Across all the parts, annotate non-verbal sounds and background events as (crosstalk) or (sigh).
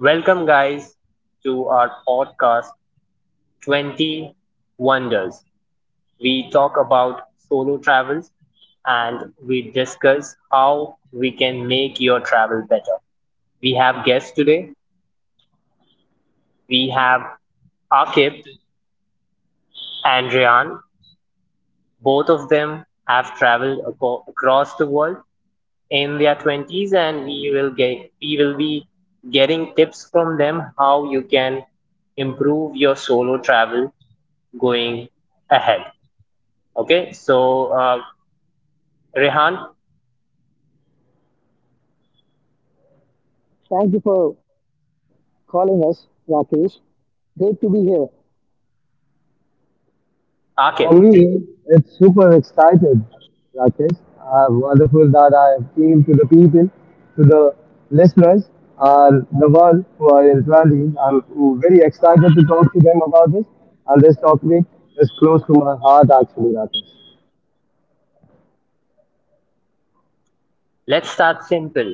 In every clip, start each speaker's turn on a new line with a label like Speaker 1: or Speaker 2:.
Speaker 1: Welcome, guys, to our podcast 20 Wonders. We talk about solo travels and we discuss how we can make your travel better. We have guests today. We have Akib and Ryan. Both of them have traveled across the world in their 20s, and we will be getting tips from them how you can improve your solo travel going ahead. Okay, so Rehan,
Speaker 2: Thank you for calling us, Rakesh. Great to be here.
Speaker 1: Akif,
Speaker 3: For me, it's super excited, Rakesh. I'm wonderful that I came to the people, to the listeners, and the world who are in traveling. I'm very excited to talk to them about this, and this topic is close to my heart actually, Rakesh.
Speaker 1: let's start simple.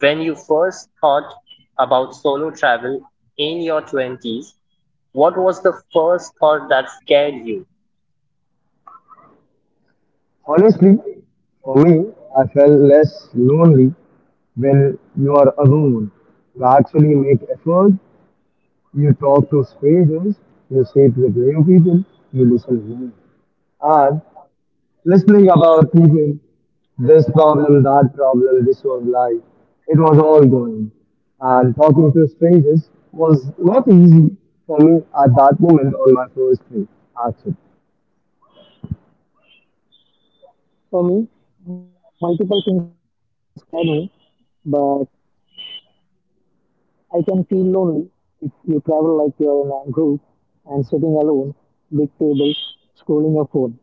Speaker 1: When you first thought about solo travel in your 20s, what was the first thought that scared you?
Speaker 3: Honestly, for me, I felt less lonely when you are alone. You actually make effort, you talk to strangers, you sit with new people, you listen well. And listening about people, this problem, that problem, this was like, it was all going. And talking to strangers was not easy for me at that moment on my first trip, actually. (laughs)
Speaker 2: For me, multiple things scare me, but I can feel lonely if you travel like you're in a group and sitting alone, big tables, scrolling your phone.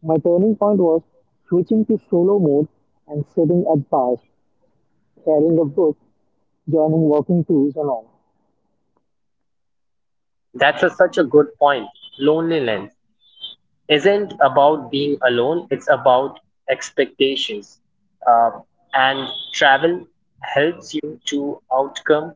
Speaker 2: My turning point was switching to solo mode and sitting at bars, carrying a book, joining walking tours and all.
Speaker 1: That's such a good point. Loneliness isn't about being alone, it's about expectations. Uh, and travel helps you to outcome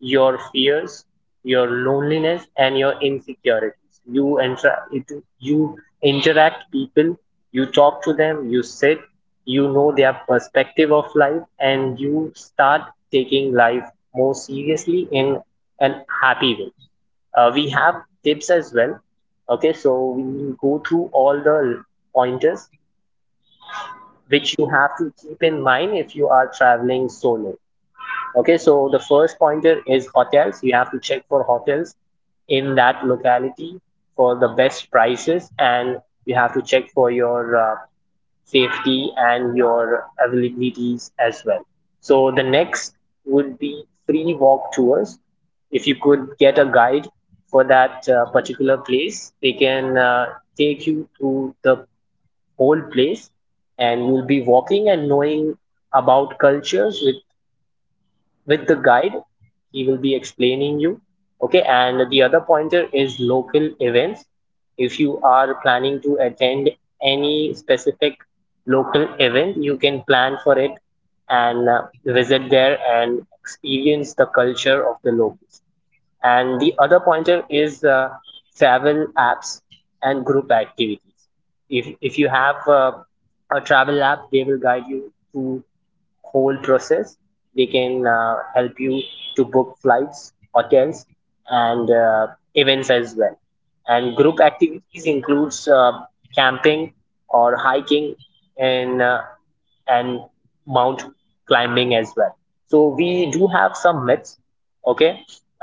Speaker 1: your fears, your loneliness, and your insecurities. You interact people, you talk to them, you sit, you know their perspective of life, and you start taking life more seriously in an happy way. We have tips as well. Okay, so we go through all the pointers which you have to keep in mind if you are traveling solo. Okay, so the first pointer is hotels. You have to check for hotels in that locality for the best prices, and you have to check for your safety and your availabilities as well. So the next would be free walk tours. If you could get a guide for that particular place, they can take you through the whole place, and you'll be walking and knowing about cultures. With the guide, he will be explaining you. Okay, and the other pointer is local events. If you are planning to attend any specific local event, you can plan for it and visit there and experience the culture of the locals. And the other pointer is travel apps and group activities. If you have a travel app, they will guide you through whole process. They can help you to book flights, hotels, and events as well. And group activities includes camping or hiking, and and mount climbing as well. So we do have some myths. okay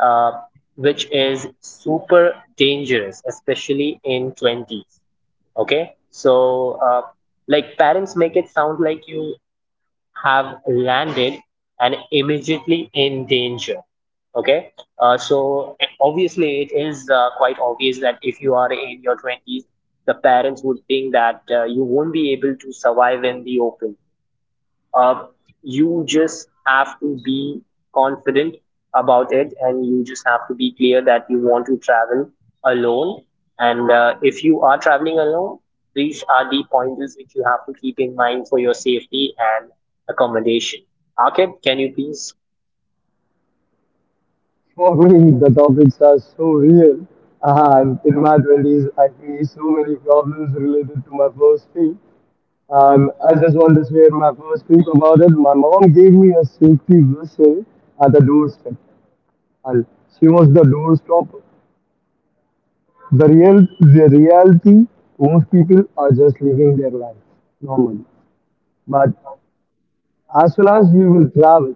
Speaker 1: uh, which is super dangerous, especially in 20s. Okay, like parents make it sound like you have landed and immediately in danger. Okay, so obviously it is quite obvious that if you are in your 20s, the parents would think that you won't be able to survive in the open. uh, you just have to be confident about it, and you just have to be clear that you want to travel alone. And if you are traveling alone, these are the pointers which you have to keep in mind for your safety and accommodation. Arkad, can you please
Speaker 3: For me, the topics are so real. And in my 20s, I faced so many problems related to my first trip. And I just want to share my first trip about it. My mom gave me a safety whistle at the doorstep. And she was the
Speaker 1: (laughs)
Speaker 3: doorstopper. The reality, most people are just living their life normally. But as well as you will travel,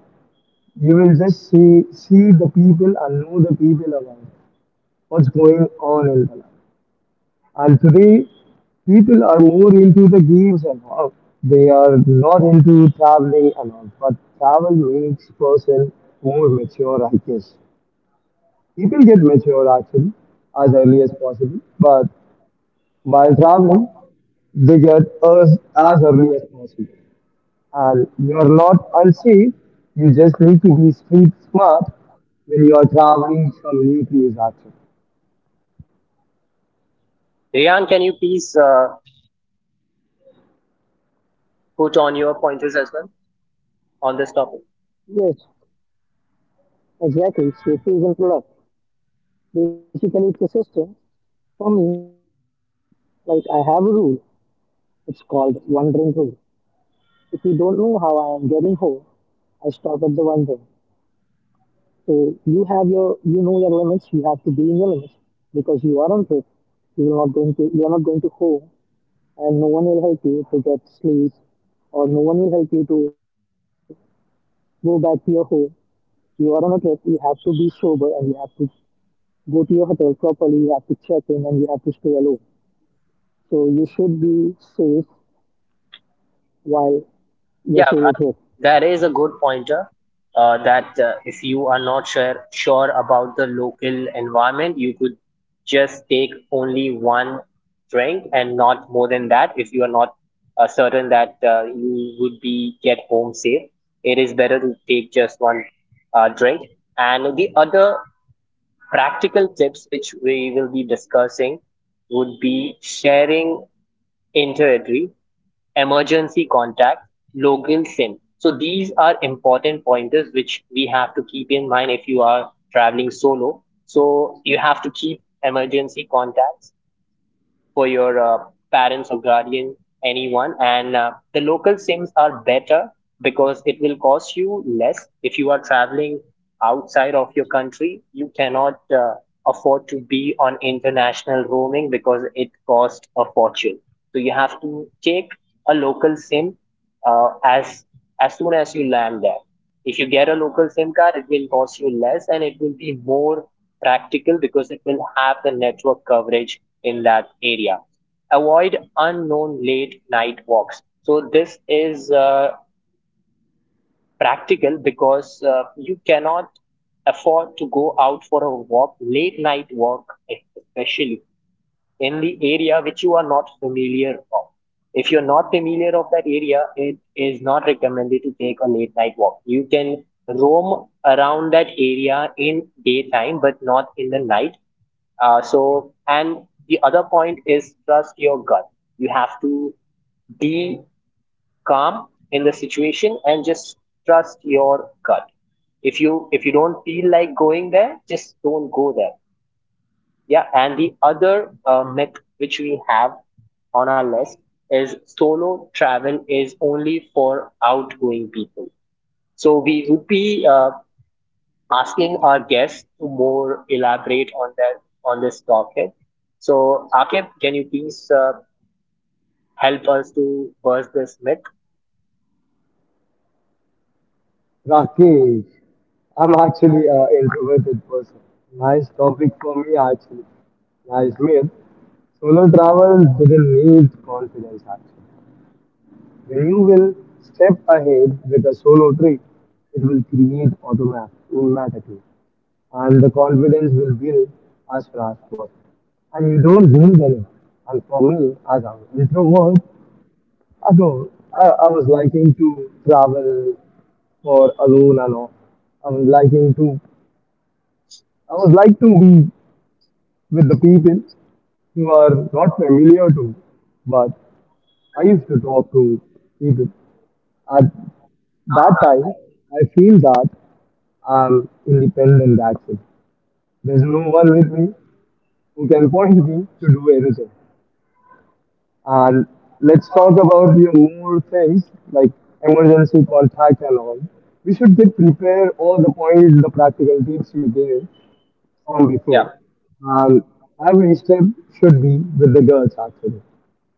Speaker 3: you will just see the people and know the people around what's going on in the life. And today, people are more into the games and all. They are not into traveling and all. But travel makes person more mature, I guess. People get mature actually as early as possible, but by traveling, they get us as early as possible. And you're not unsafe, you just need to be street smart when you're traveling some new place actually.
Speaker 1: Rian, can you please put on your pointers as well on this topic?
Speaker 2: Yes, exactly. Safety isn't product. Basically, it's a system. For me, like I have a rule. It's called one drink rule. If you don't know how I am getting home, I stop at the one drink. So you know your limits. You have to be in your limits because you are on trip. You are not going to, you are not going to home, and no one will help you to get sleep, or no one will help you to go back to your home. You are on a trip. You have to be sober, and you have to go to your hotel properly. You have to check in, and you have to stay alone. So you should be safe while
Speaker 1: Yeah,
Speaker 2: your solo
Speaker 1: that
Speaker 2: trip.
Speaker 1: is a good pointer. That if you are not sure about the local environment, you could just take only one drink and not more than that. If you are not certain that you would be get home safe, it is better to take just one drink. And the other practical tips which we will be discussing would be sharing itinerary, emergency contact, login SIM. So these are important pointers which we have to keep in mind if you are traveling solo. So you have to keep emergency contacts for your parents or guardian, anyone. And the local SIMs are better because it will cost you less. If you are traveling outside of your country, you cannot afford to be on international roaming because it costs a fortune. So you have to take a local SIM uh, as as soon as you land there. If you get a local SIM card, it will cost you less and it will be more practical because it will have the network coverage in that area. Avoid unknown late night walks. So this is practical because you cannot afford to go out for a walk, late night walk especially in the area which you are not familiar of. If you're not familiar of that area, it is not recommended to take a late night walk. You can roam around that area in daytime, but not in the night. And the other point is trust your gut. You have to be calm in the situation and just trust your gut. If you don't feel like going there, just don't go there. Yeah, and the other myth which we have on our list is solo travel is only for outgoing people. So we would be asking our guests to more elaborate on this topic. So Akib, can you please help us to burst this myth?
Speaker 3: Rakesh, I'm actually an introverted person. Nice topic for me actually. Nice myth. Solo travel doesn't need confidence actually. When you will step ahead with a solo trip, it will create automatically. And the confidence will build as fast work. And you don't need anyone. And for me, as an introvert, I don't. I was liking to travel for alone and all. I was liking to. I was like to be with the people who are not familiar to, me. But I used to talk to people. At that time, I feel that I'm independent actually. There's no one with me who can point me to do anything. And let's talk about your more things like emergency contact and all. We should get prepared all the points, the practical tips you gave from
Speaker 1: Yeah,
Speaker 3: before. And every step should be with the girls actually.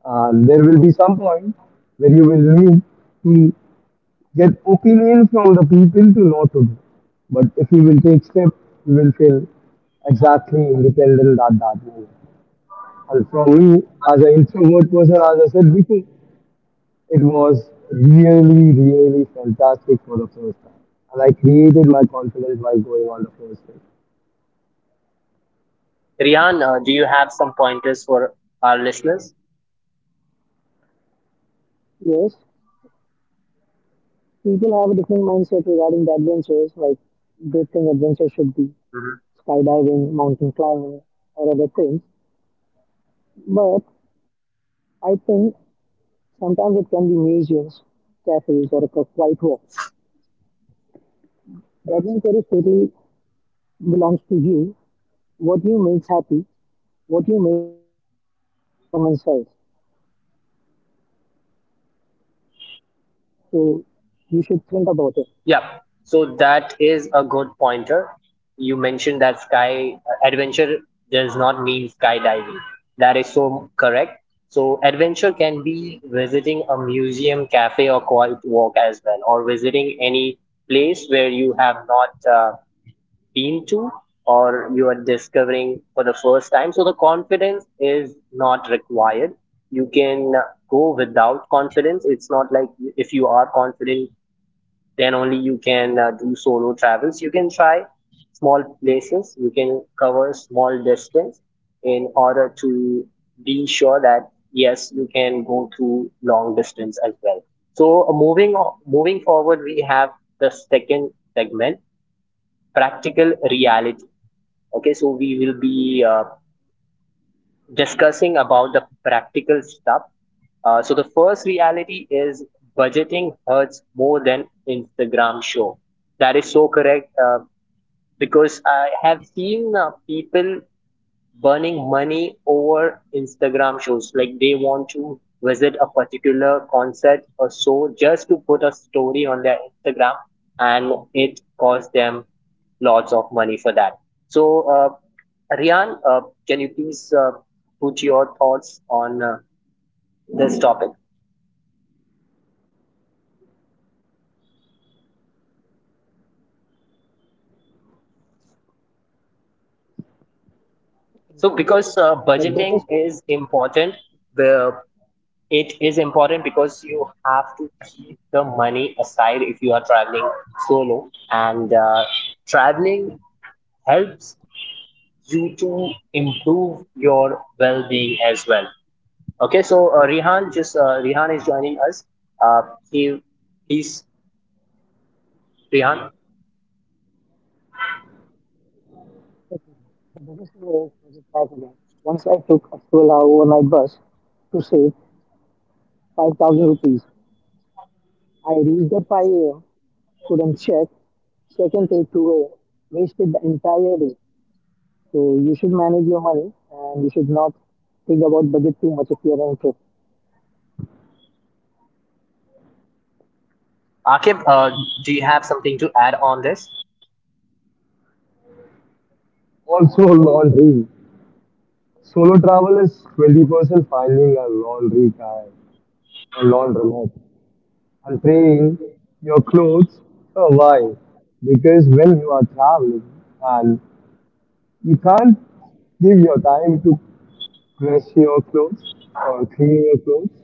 Speaker 3: And there will be some point where you will need to get opinion from the people to know to do. But if you will take step, you will feel exactly independent at that moment. And from me, as an introvert person, as I said before, it was really, really fantastic for the first time. And I created my confidence by going on the first day.
Speaker 1: Rihan, do you have some pointers for our listeners?
Speaker 2: Yes, people have a different mindset regarding the adventures, like they think adventure should be
Speaker 1: Mm-hmm.
Speaker 2: skydiving, mountain climbing, or other things. But I think sometimes it can be museums, cafes, or a quiet walk. The adventure is totally belongs to you. What you makes happy, what you makes more adventurous from inside. So you should think about it.
Speaker 1: Yeah, so that is a good pointer. You mentioned that sky adventure does not mean skydiving. That is so correct. So adventure can be visiting a museum, cafe, or quiet walk as well, or visiting any place where you have not been to, or you are discovering for the first time. So the confidence is not required. You can go without confidence. It's not like if you are confident then only you can do solo travels. You can try small places, you can cover small distance in order to be sure that yes, you can go through long distance as well. So moving forward, we have the second segment: practical reality. Okay, so we will be discussing about the practical stuff. So the first reality is budgeting hurts more than Instagram show. That is so correct because I have seen people burning money over Instagram shows. Like they want to visit a particular concert or so just to put a story on their Instagram, and it costs them lots of money for that. So, Rian, can you please put your thoughts on this topic? So, because
Speaker 2: The
Speaker 1: budgeting
Speaker 2: biggest
Speaker 1: is important, the it is important because you have to keep the money aside if you are traveling solo, and traveling helps you to improve your well-being as well. Okay, so Rihan is joining us. Uh, he, please, Rihan.
Speaker 2: The biggest mistake was possible. Once I took a 12-hour overnight bus to save 5,000 rupees. I reached at 5 a.m., couldn't check, Second in till 2 a.m., wasted the entire day. So you should manage your money and you should not think about budget too much if you are on trip.
Speaker 1: Akib, do you have something to add on this?
Speaker 3: Also, laundry. Solo travel is 20% finding a laundry guy or laundromat and paying your clothes for a while. Because when you are traveling and you can't give your time to press your clothes or clean your clothes.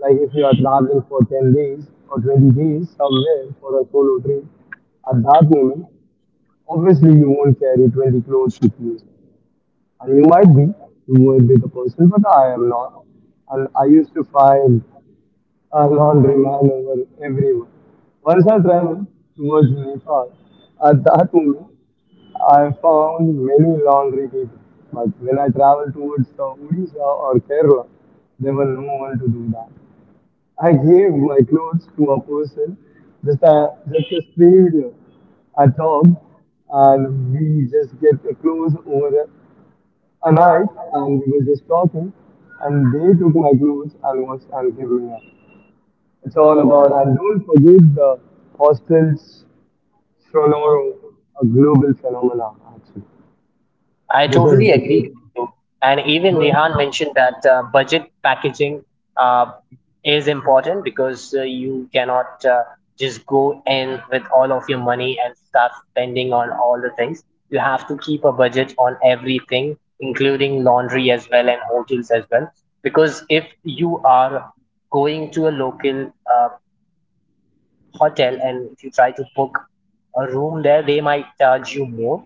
Speaker 3: Like if you are traveling for 10 days or 20 days somewhere for a solo trip, at that moment, obviously you won't carry 20 clothes with you. And you might be the person, but I am not. And I used to find a laundry man over everyone. Once I traveled towards Nepal, at that moment, I found many laundry people. But when I traveled towards the Odisha or Kerala, there were no one to do that. I gave my clothes to a person, just a stranger, a dog, and we just get the clothes over a night and we were just talking and they took my clothes and gave me up. It's all about, and don't forget the hostels sonoro, a global phenomena actually.
Speaker 1: I
Speaker 3: This is
Speaker 1: totally
Speaker 3: the
Speaker 1: agree
Speaker 3: key.
Speaker 1: with you. And even
Speaker 3: But-
Speaker 1: Rihan mentioned that budget packaging uh, is important because you cannot just go in with all of your money and start spending on all the things. You have to keep a budget on everything, including laundry as well and hotels as well. Because if you are going to a local hotel and if you try to book a room there, they might charge you more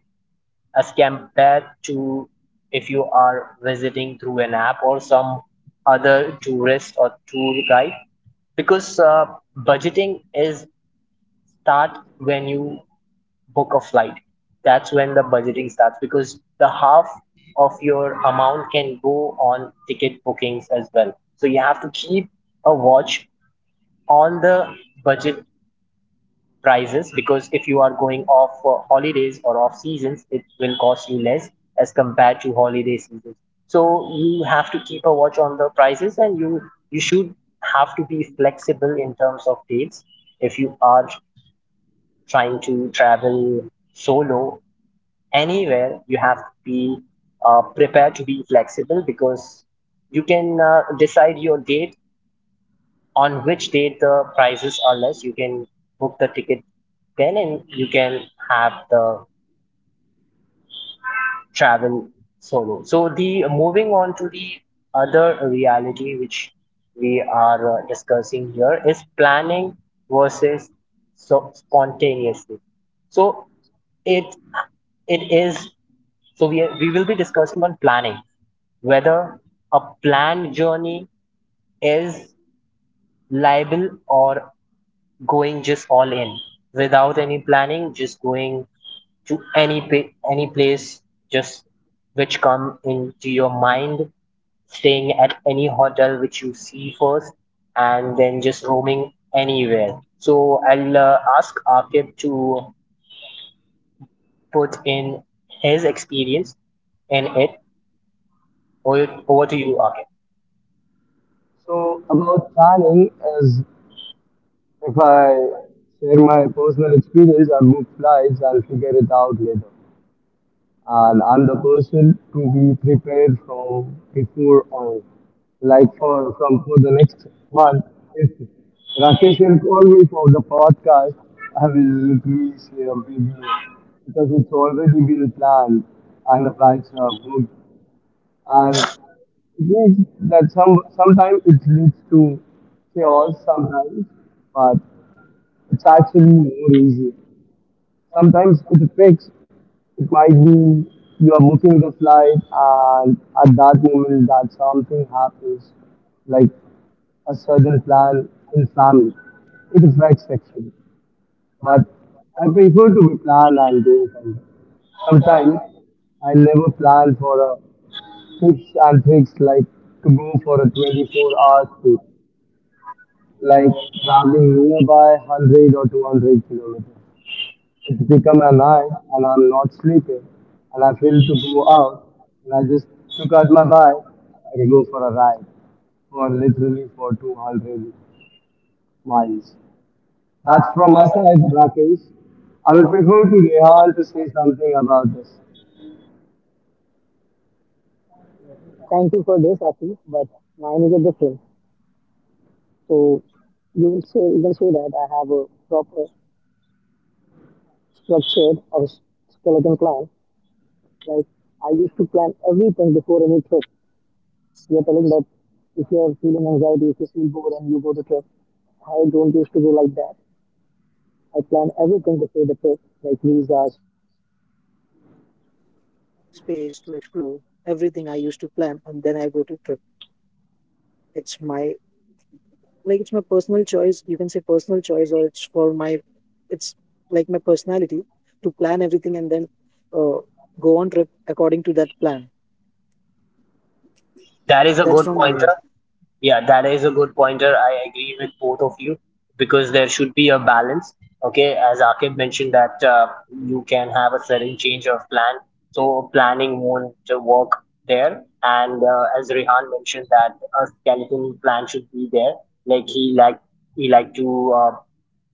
Speaker 1: as compared to if you are visiting through an app or some other tourist or tour guide. Because budgeting is start when you book a flight, that's when the budgeting starts, because the half of your amount can go on ticket bookings as well. So you have to keep a watch on the budget prices, because if you are going off for holidays or off seasons, it will cost you less as compared to holiday seasons. So you have to keep a watch on the prices, and you should have to be flexible in terms of dates. If you are trying to travel solo anywhere, you have to be prepared to be flexible, because you can decide your date, on which date the prices are less you can book the ticket then, and you can have the travel solo. So the moving on to the other reality which we are discussing here is planning versus so spontaneously. So it it is, so we will be discussing on planning whether a planned journey is liable, or going just all in without any planning, just going to any place just which come into your mind, staying at any hotel which you see first, and then just roaming anywhere. So I'll ask Akib to put in his experience in it. Over to you, Akib.
Speaker 3: So about planning is, if I share my personal experience, I book flights and figure it out later. And I'm the person to be prepared from before on, like for the next month. If Rakesh will call me for the podcast, I will please share with you because it's already been planned and the flights are booked. And it means that sometimes it leads to chaos sometimes, but it's actually more easy. Sometimes with the fix, it might be you are booking the flight, and at that moment that something happens, like a sudden plan in family. It affects actually, but I prefer to be planned and doing something. Sometimes I never plan for a tips and tricks like to go for a 24-hour trip, like traveling nearby 100 or 200 kilometers. It's become a lie, and I'm not sleeping, and I feel to go out, and I just took out my bike and I go for a ride, for literally for 200 miles. That's from my side, Rakesh. I would prefer to Rehal to say something about this.
Speaker 2: Thank you for this, Afi, but mine is a different. So you will say you can say that I have a proper structured or skeleton plan. Like I used to plan everything before any trip. You're telling that if you're feeling anxiety, if you feel bored and you go to trip, I don't used to go like that. I plan everything before the trip, like visa.
Speaker 1: That is a good point. Yeah, that is a good pointer. I agree with both of you because there should be a balance. Okay, as Akib mentioned that you can have a sudden change of plan, so planning won't work there. And as Rehan mentioned that a skeleton plan should be there. Like he like he like to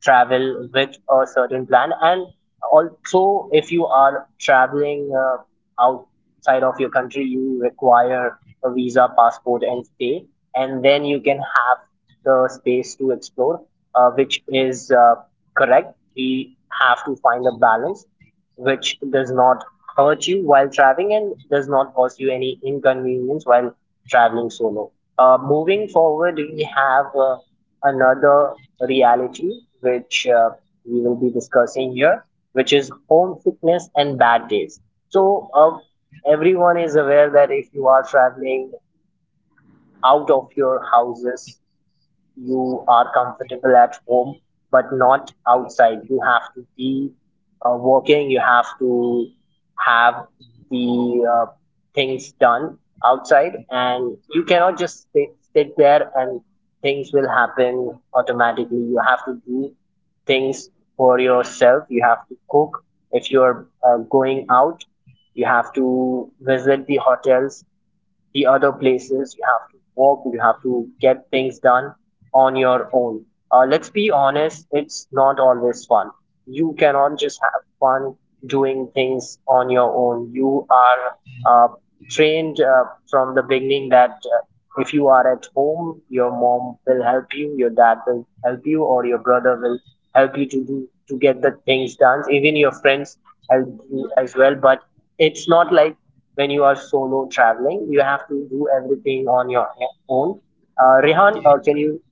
Speaker 1: travel with a certain plan, and also if you are traveling outside of your country, you require a visa, passport, and stay, and then you can have the space to explore, which is correct. We have to find a balance which does not hurt you while traveling and does not cause you any inconvenience while traveling solo. Moving forward, we have another reality which we will be discussing here, which is homesickness and bad days. So everyone is aware that if you are traveling out of your houses. You are comfortable at home, but not outside. You have to be working, you have to have the things done outside, and you cannot just sit there and things will happen automatically. You have to do things for yourself, you have to cook. If you're going out, you have to visit the hotels, the other places. You have to work, you have to get things done on your own. Let's be honest, it's not always fun. You cannot just have fun doing things on your own. You are uh, trained from the beginning that if you are at home, your mom will help you, your dad will help you, or your brother will help you to do to get the things done. Even your friends help you as well, but it's not like when you are solo traveling. You have to do everything on your own. Rehan, can you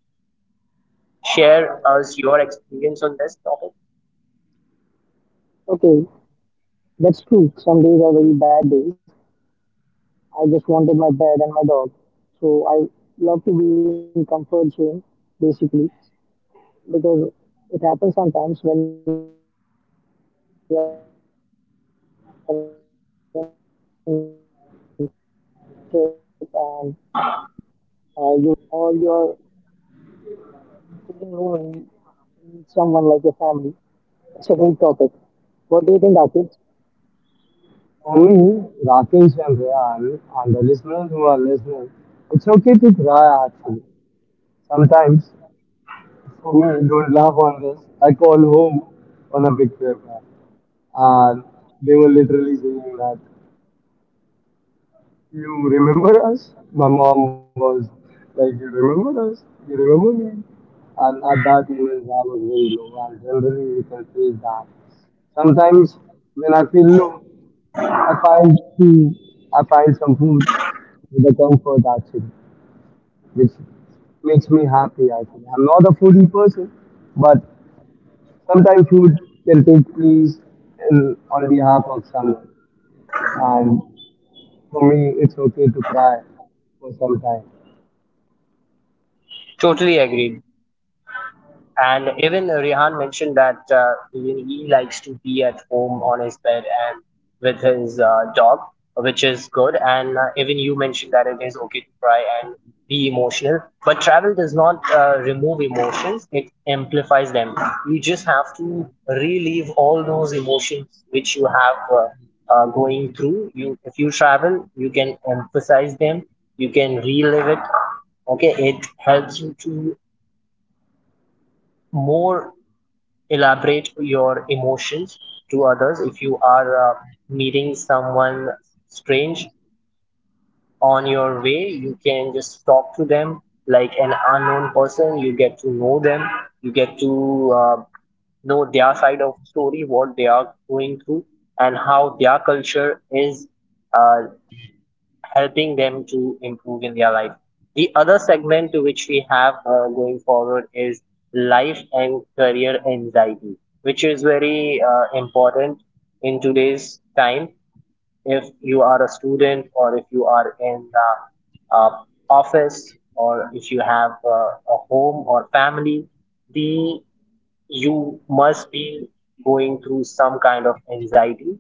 Speaker 1: share us your experience on this topic?
Speaker 2: Okay, that's true. Some days are very bad days. I just wanted my bed and my dog. So I love to be in comfort zone basically, because it happens sometimes when you're on trip and you feel like you're not happy or something, and you got to know like, or you're feeling lonely. You need someone like your family. It's a great topic. What do you think, Akid?
Speaker 3: For me, Rakesh and Rehal, and the listeners who are listening, it's okay to cry actually. Sometimes do don't laugh on this. I call home on a big trip, man. And they were literally saying that you remember us. My mom was like, "You remember us? You remember me?" And at that moment, I was very low. And generally, you can say that sometimes when I feel low, I find food, I find some food with a comfort actually, which makes me happy. Actually, I'm not a foodie person, but sometimes food can take place on behalf of someone. And for me, it's okay to cry for some time.
Speaker 1: Totally agreed. And even Rehan mentioned that even he likes to be at home on his bed and with his dog, which is good. And even you mentioned that it is okay to cry and be emotional. But travel does not remove emotions, it amplifies them. You just have to relieve all those emotions which you have going through. If you travel, you can emphasize them, you can relive it. Okay, it helps you to more elaborate your emotions to others. If you are meeting someone strange on your way, you can just talk to them like an unknown person, you get to know them, you get to know their side of story, what they are going through and how their culture is uh, helping them to improve in their life. The other segment which we have going forward is life and career anxiety, which is very important in today's time. If you are a student, or if you are in the office, or if you have a home or family, the you must be going through some kind of anxiety,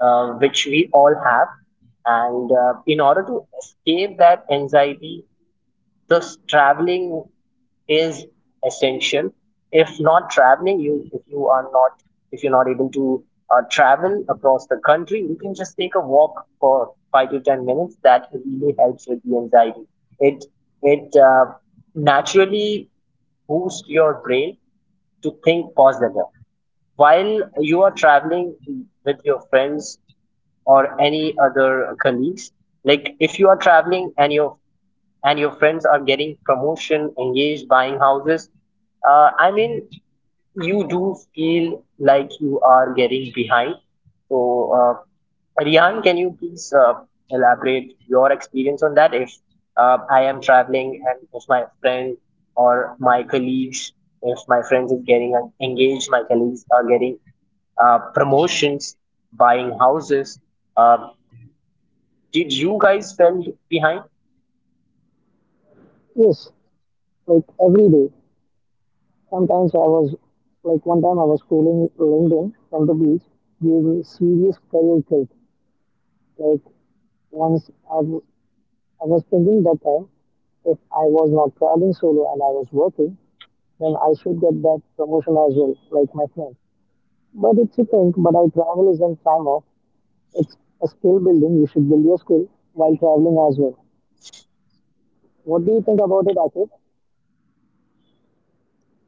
Speaker 1: which we all have. And in order to escape that anxiety, thus traveling is essential. If not traveling, you if you are not if you're not able to travel across the country, you can just take a walk for 5 to 10 minutes. That really helps with the anxiety. It it naturally boosts your brain to think positive. While you are traveling with your friends or any other colleagues, like if you are traveling and your friends are getting promotion, engaged, buying houses, I mean, you do feel like you are getting behind. So, Rian, can you please elaborate your experience on that? If I am traveling and if my friend or my colleagues, if my friends is getting engaged, my colleagues are getting promotions, buying houses, uh, did you guys felt behind?
Speaker 2: Yes, like every day. Sometimes I was like one time I was scrolling LinkedIn from the beach, gave me serious career kick. Like once I was thinking that time, if I was not traveling solo and I was working, then I should get that promotion as well, like my friend. But it's a thing, but I travel isn't time off. It's a skill building. You should build your skill while traveling as well. What do you think about it, Akif?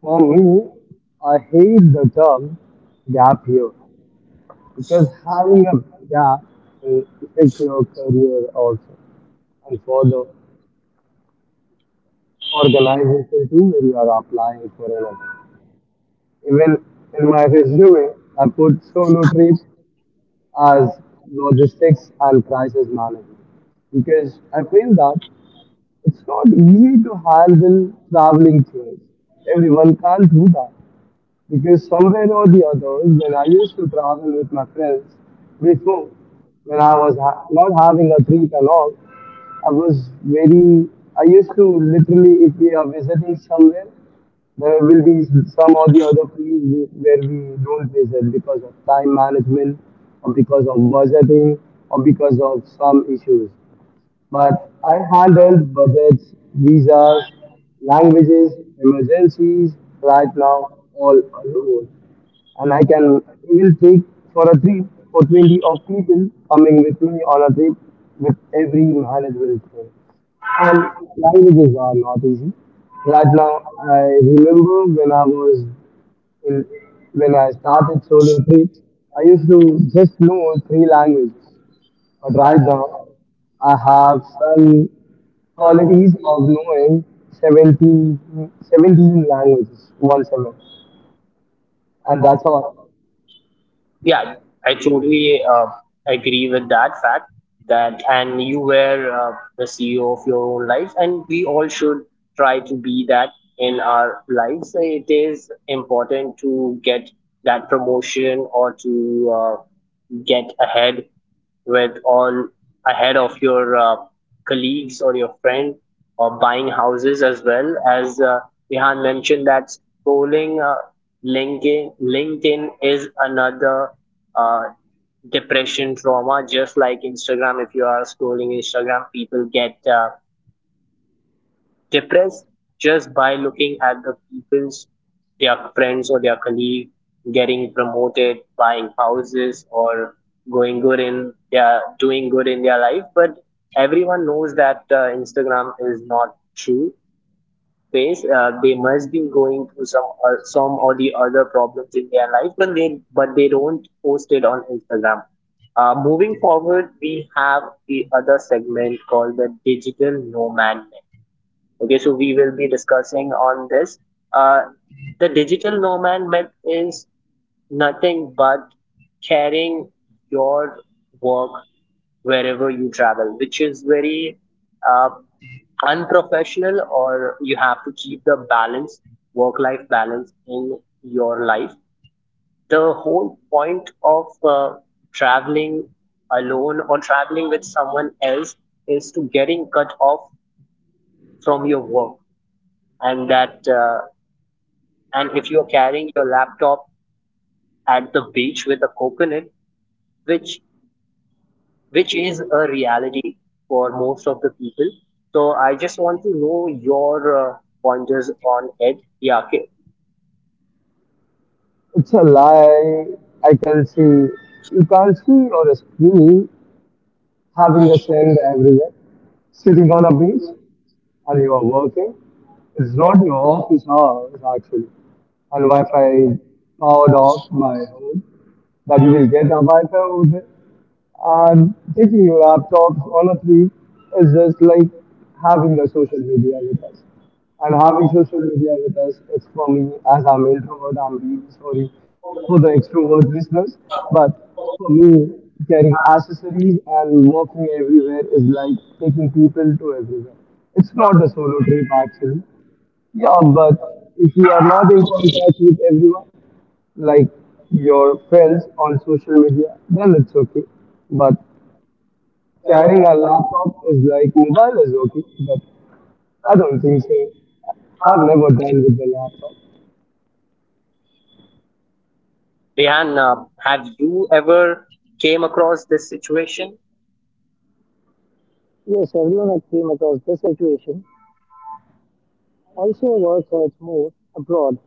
Speaker 3: For me, I hate the term gap year because having a gap will affect your career also and for the organization too when you are applying for another. Even in my resume, I put solo trips as logistics and crisis management because I feel that it's not easy to handle traveling tours. Everyone can't do that. Because somewhere or the other, when I used to travel with my friends before, when I was not having a treat and all, I was very, I used to literally, if we are visiting somewhere, there will be some or the other place where we don't visit because of time management or because of budgeting or because of some issues, but I handled budgets, visas, languages, emergencies right now all alone. And I can even take for a trip for 20 of people coming with me on a trip with every manageable thing. And languages are not easy. Right now, I remember in, when I started solo trips, I used to just know three languages. But right now, I have some qualities of knowing 70, 17 languages, 17, and that's all.
Speaker 1: Yeah, I totally agree with that fact that, and you were the CEO of your own life, and we all should try to be that in our lives. So it is important to get that promotion, or to get ahead, with on ahead of your colleagues or your friend, or buying houses, as well as Rehan mentioned that scrolling LinkedIn is another uh, depression trauma, just like Instagram. If you are scrolling Instagram, people get depressed just by looking at the people's, their friends or their colleague getting promoted, buying houses, or going good in their doing good in their life. But everyone knows that Instagram is not true face. They must be going through some or the other problems in their life, but they don't post it on Instagram. Moving forward, we have the other segment, called the digital nomad. Okay, so we will be discussing on this. Uh, the digital nomad myth is nothing but carrying your work wherever you travel, which is very uh, unprofessional. Or you have to keep the balance, work life balance, in your life. The whole point of traveling alone or traveling with someone else is to getting cut off from your work. and that uh, and if you're carrying your laptop at the beach with a coconut, which which is a reality for most of the people. So I just want to know your pointers on it. Yeah, okay.
Speaker 3: It's a lie. I can see you can't see on a screen having a sand everywhere, sitting on a beach, and you are working. It's not your office hours actually, and Wi-Fi powered off by home, but you will get a Wi-Fi over there. And taking laptops honestly is just like having the social media with us. And having social media with us is for me, as I'm introvert, I'm really sorry for the extrovert listeners, but for me, carrying accessories and walking everywhere is like taking people to everywhere. It's not a solo trip actually. Yeah, but if you are not in contact with everyone, like your friends on social media, then it's okay. But carrying a laptop is like mobile is okay, but I don't think so. I've never done with the laptop.
Speaker 1: Rehan, have you ever came across this situation?
Speaker 2: Yes, everyone has came across this situation. Also, work hurts more abroad.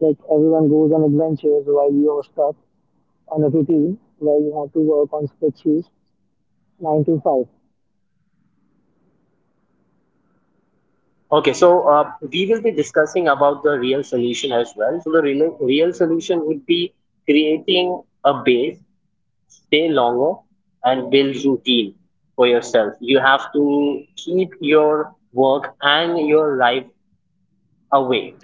Speaker 2: Like everyone goes on adventures while you're stuck on a routine where you have to work on spreadsheets 9 to 5.
Speaker 1: Okay, so we will be discussing about the real solution as well. So the real solution would be creating a base, stay longer, and build routine for yourself. You have to keep your work and your life away.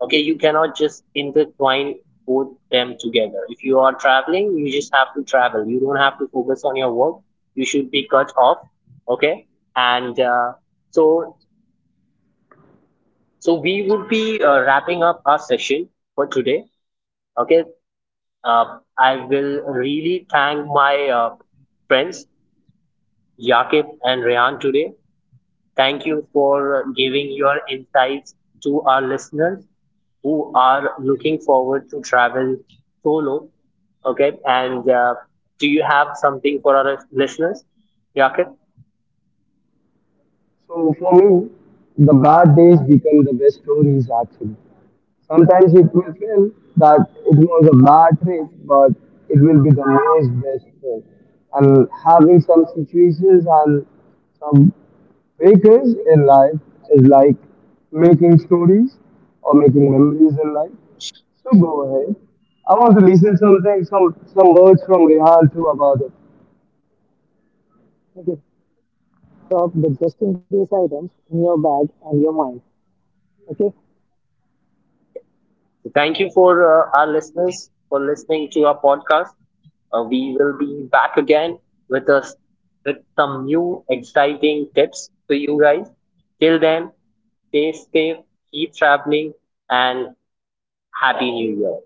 Speaker 1: Okay, you cannot just intertwine both them together. If you are traveling, you just have to travel. You don't have to focus on your work. You should be cut off. Okay, and so so we would be wrapping up our session for today. Okay, I will really thank my friends Yaqib and Rehan today. Thank you for giving your insights to our listeners who are looking forward to travel solo. Okay, and do you have something for our listeners, Yaqib?
Speaker 3: So for me, the bad days become the best stories actually. Sometimes it will feel that it was a bad trip, but it will be the most best trip. And having some situations and some breakers in life is like making stories or making memories in life. So go ahead. I want to listen something, some words from Rehan too about it.
Speaker 2: Okay. So, drop the just in case items in your bag and your mind. Okay.
Speaker 1: Thank you for our listeners for listening to our podcast. We will be back again with us with some new exciting tips for you guys. Till then, stay safe, keep traveling, and happy new year.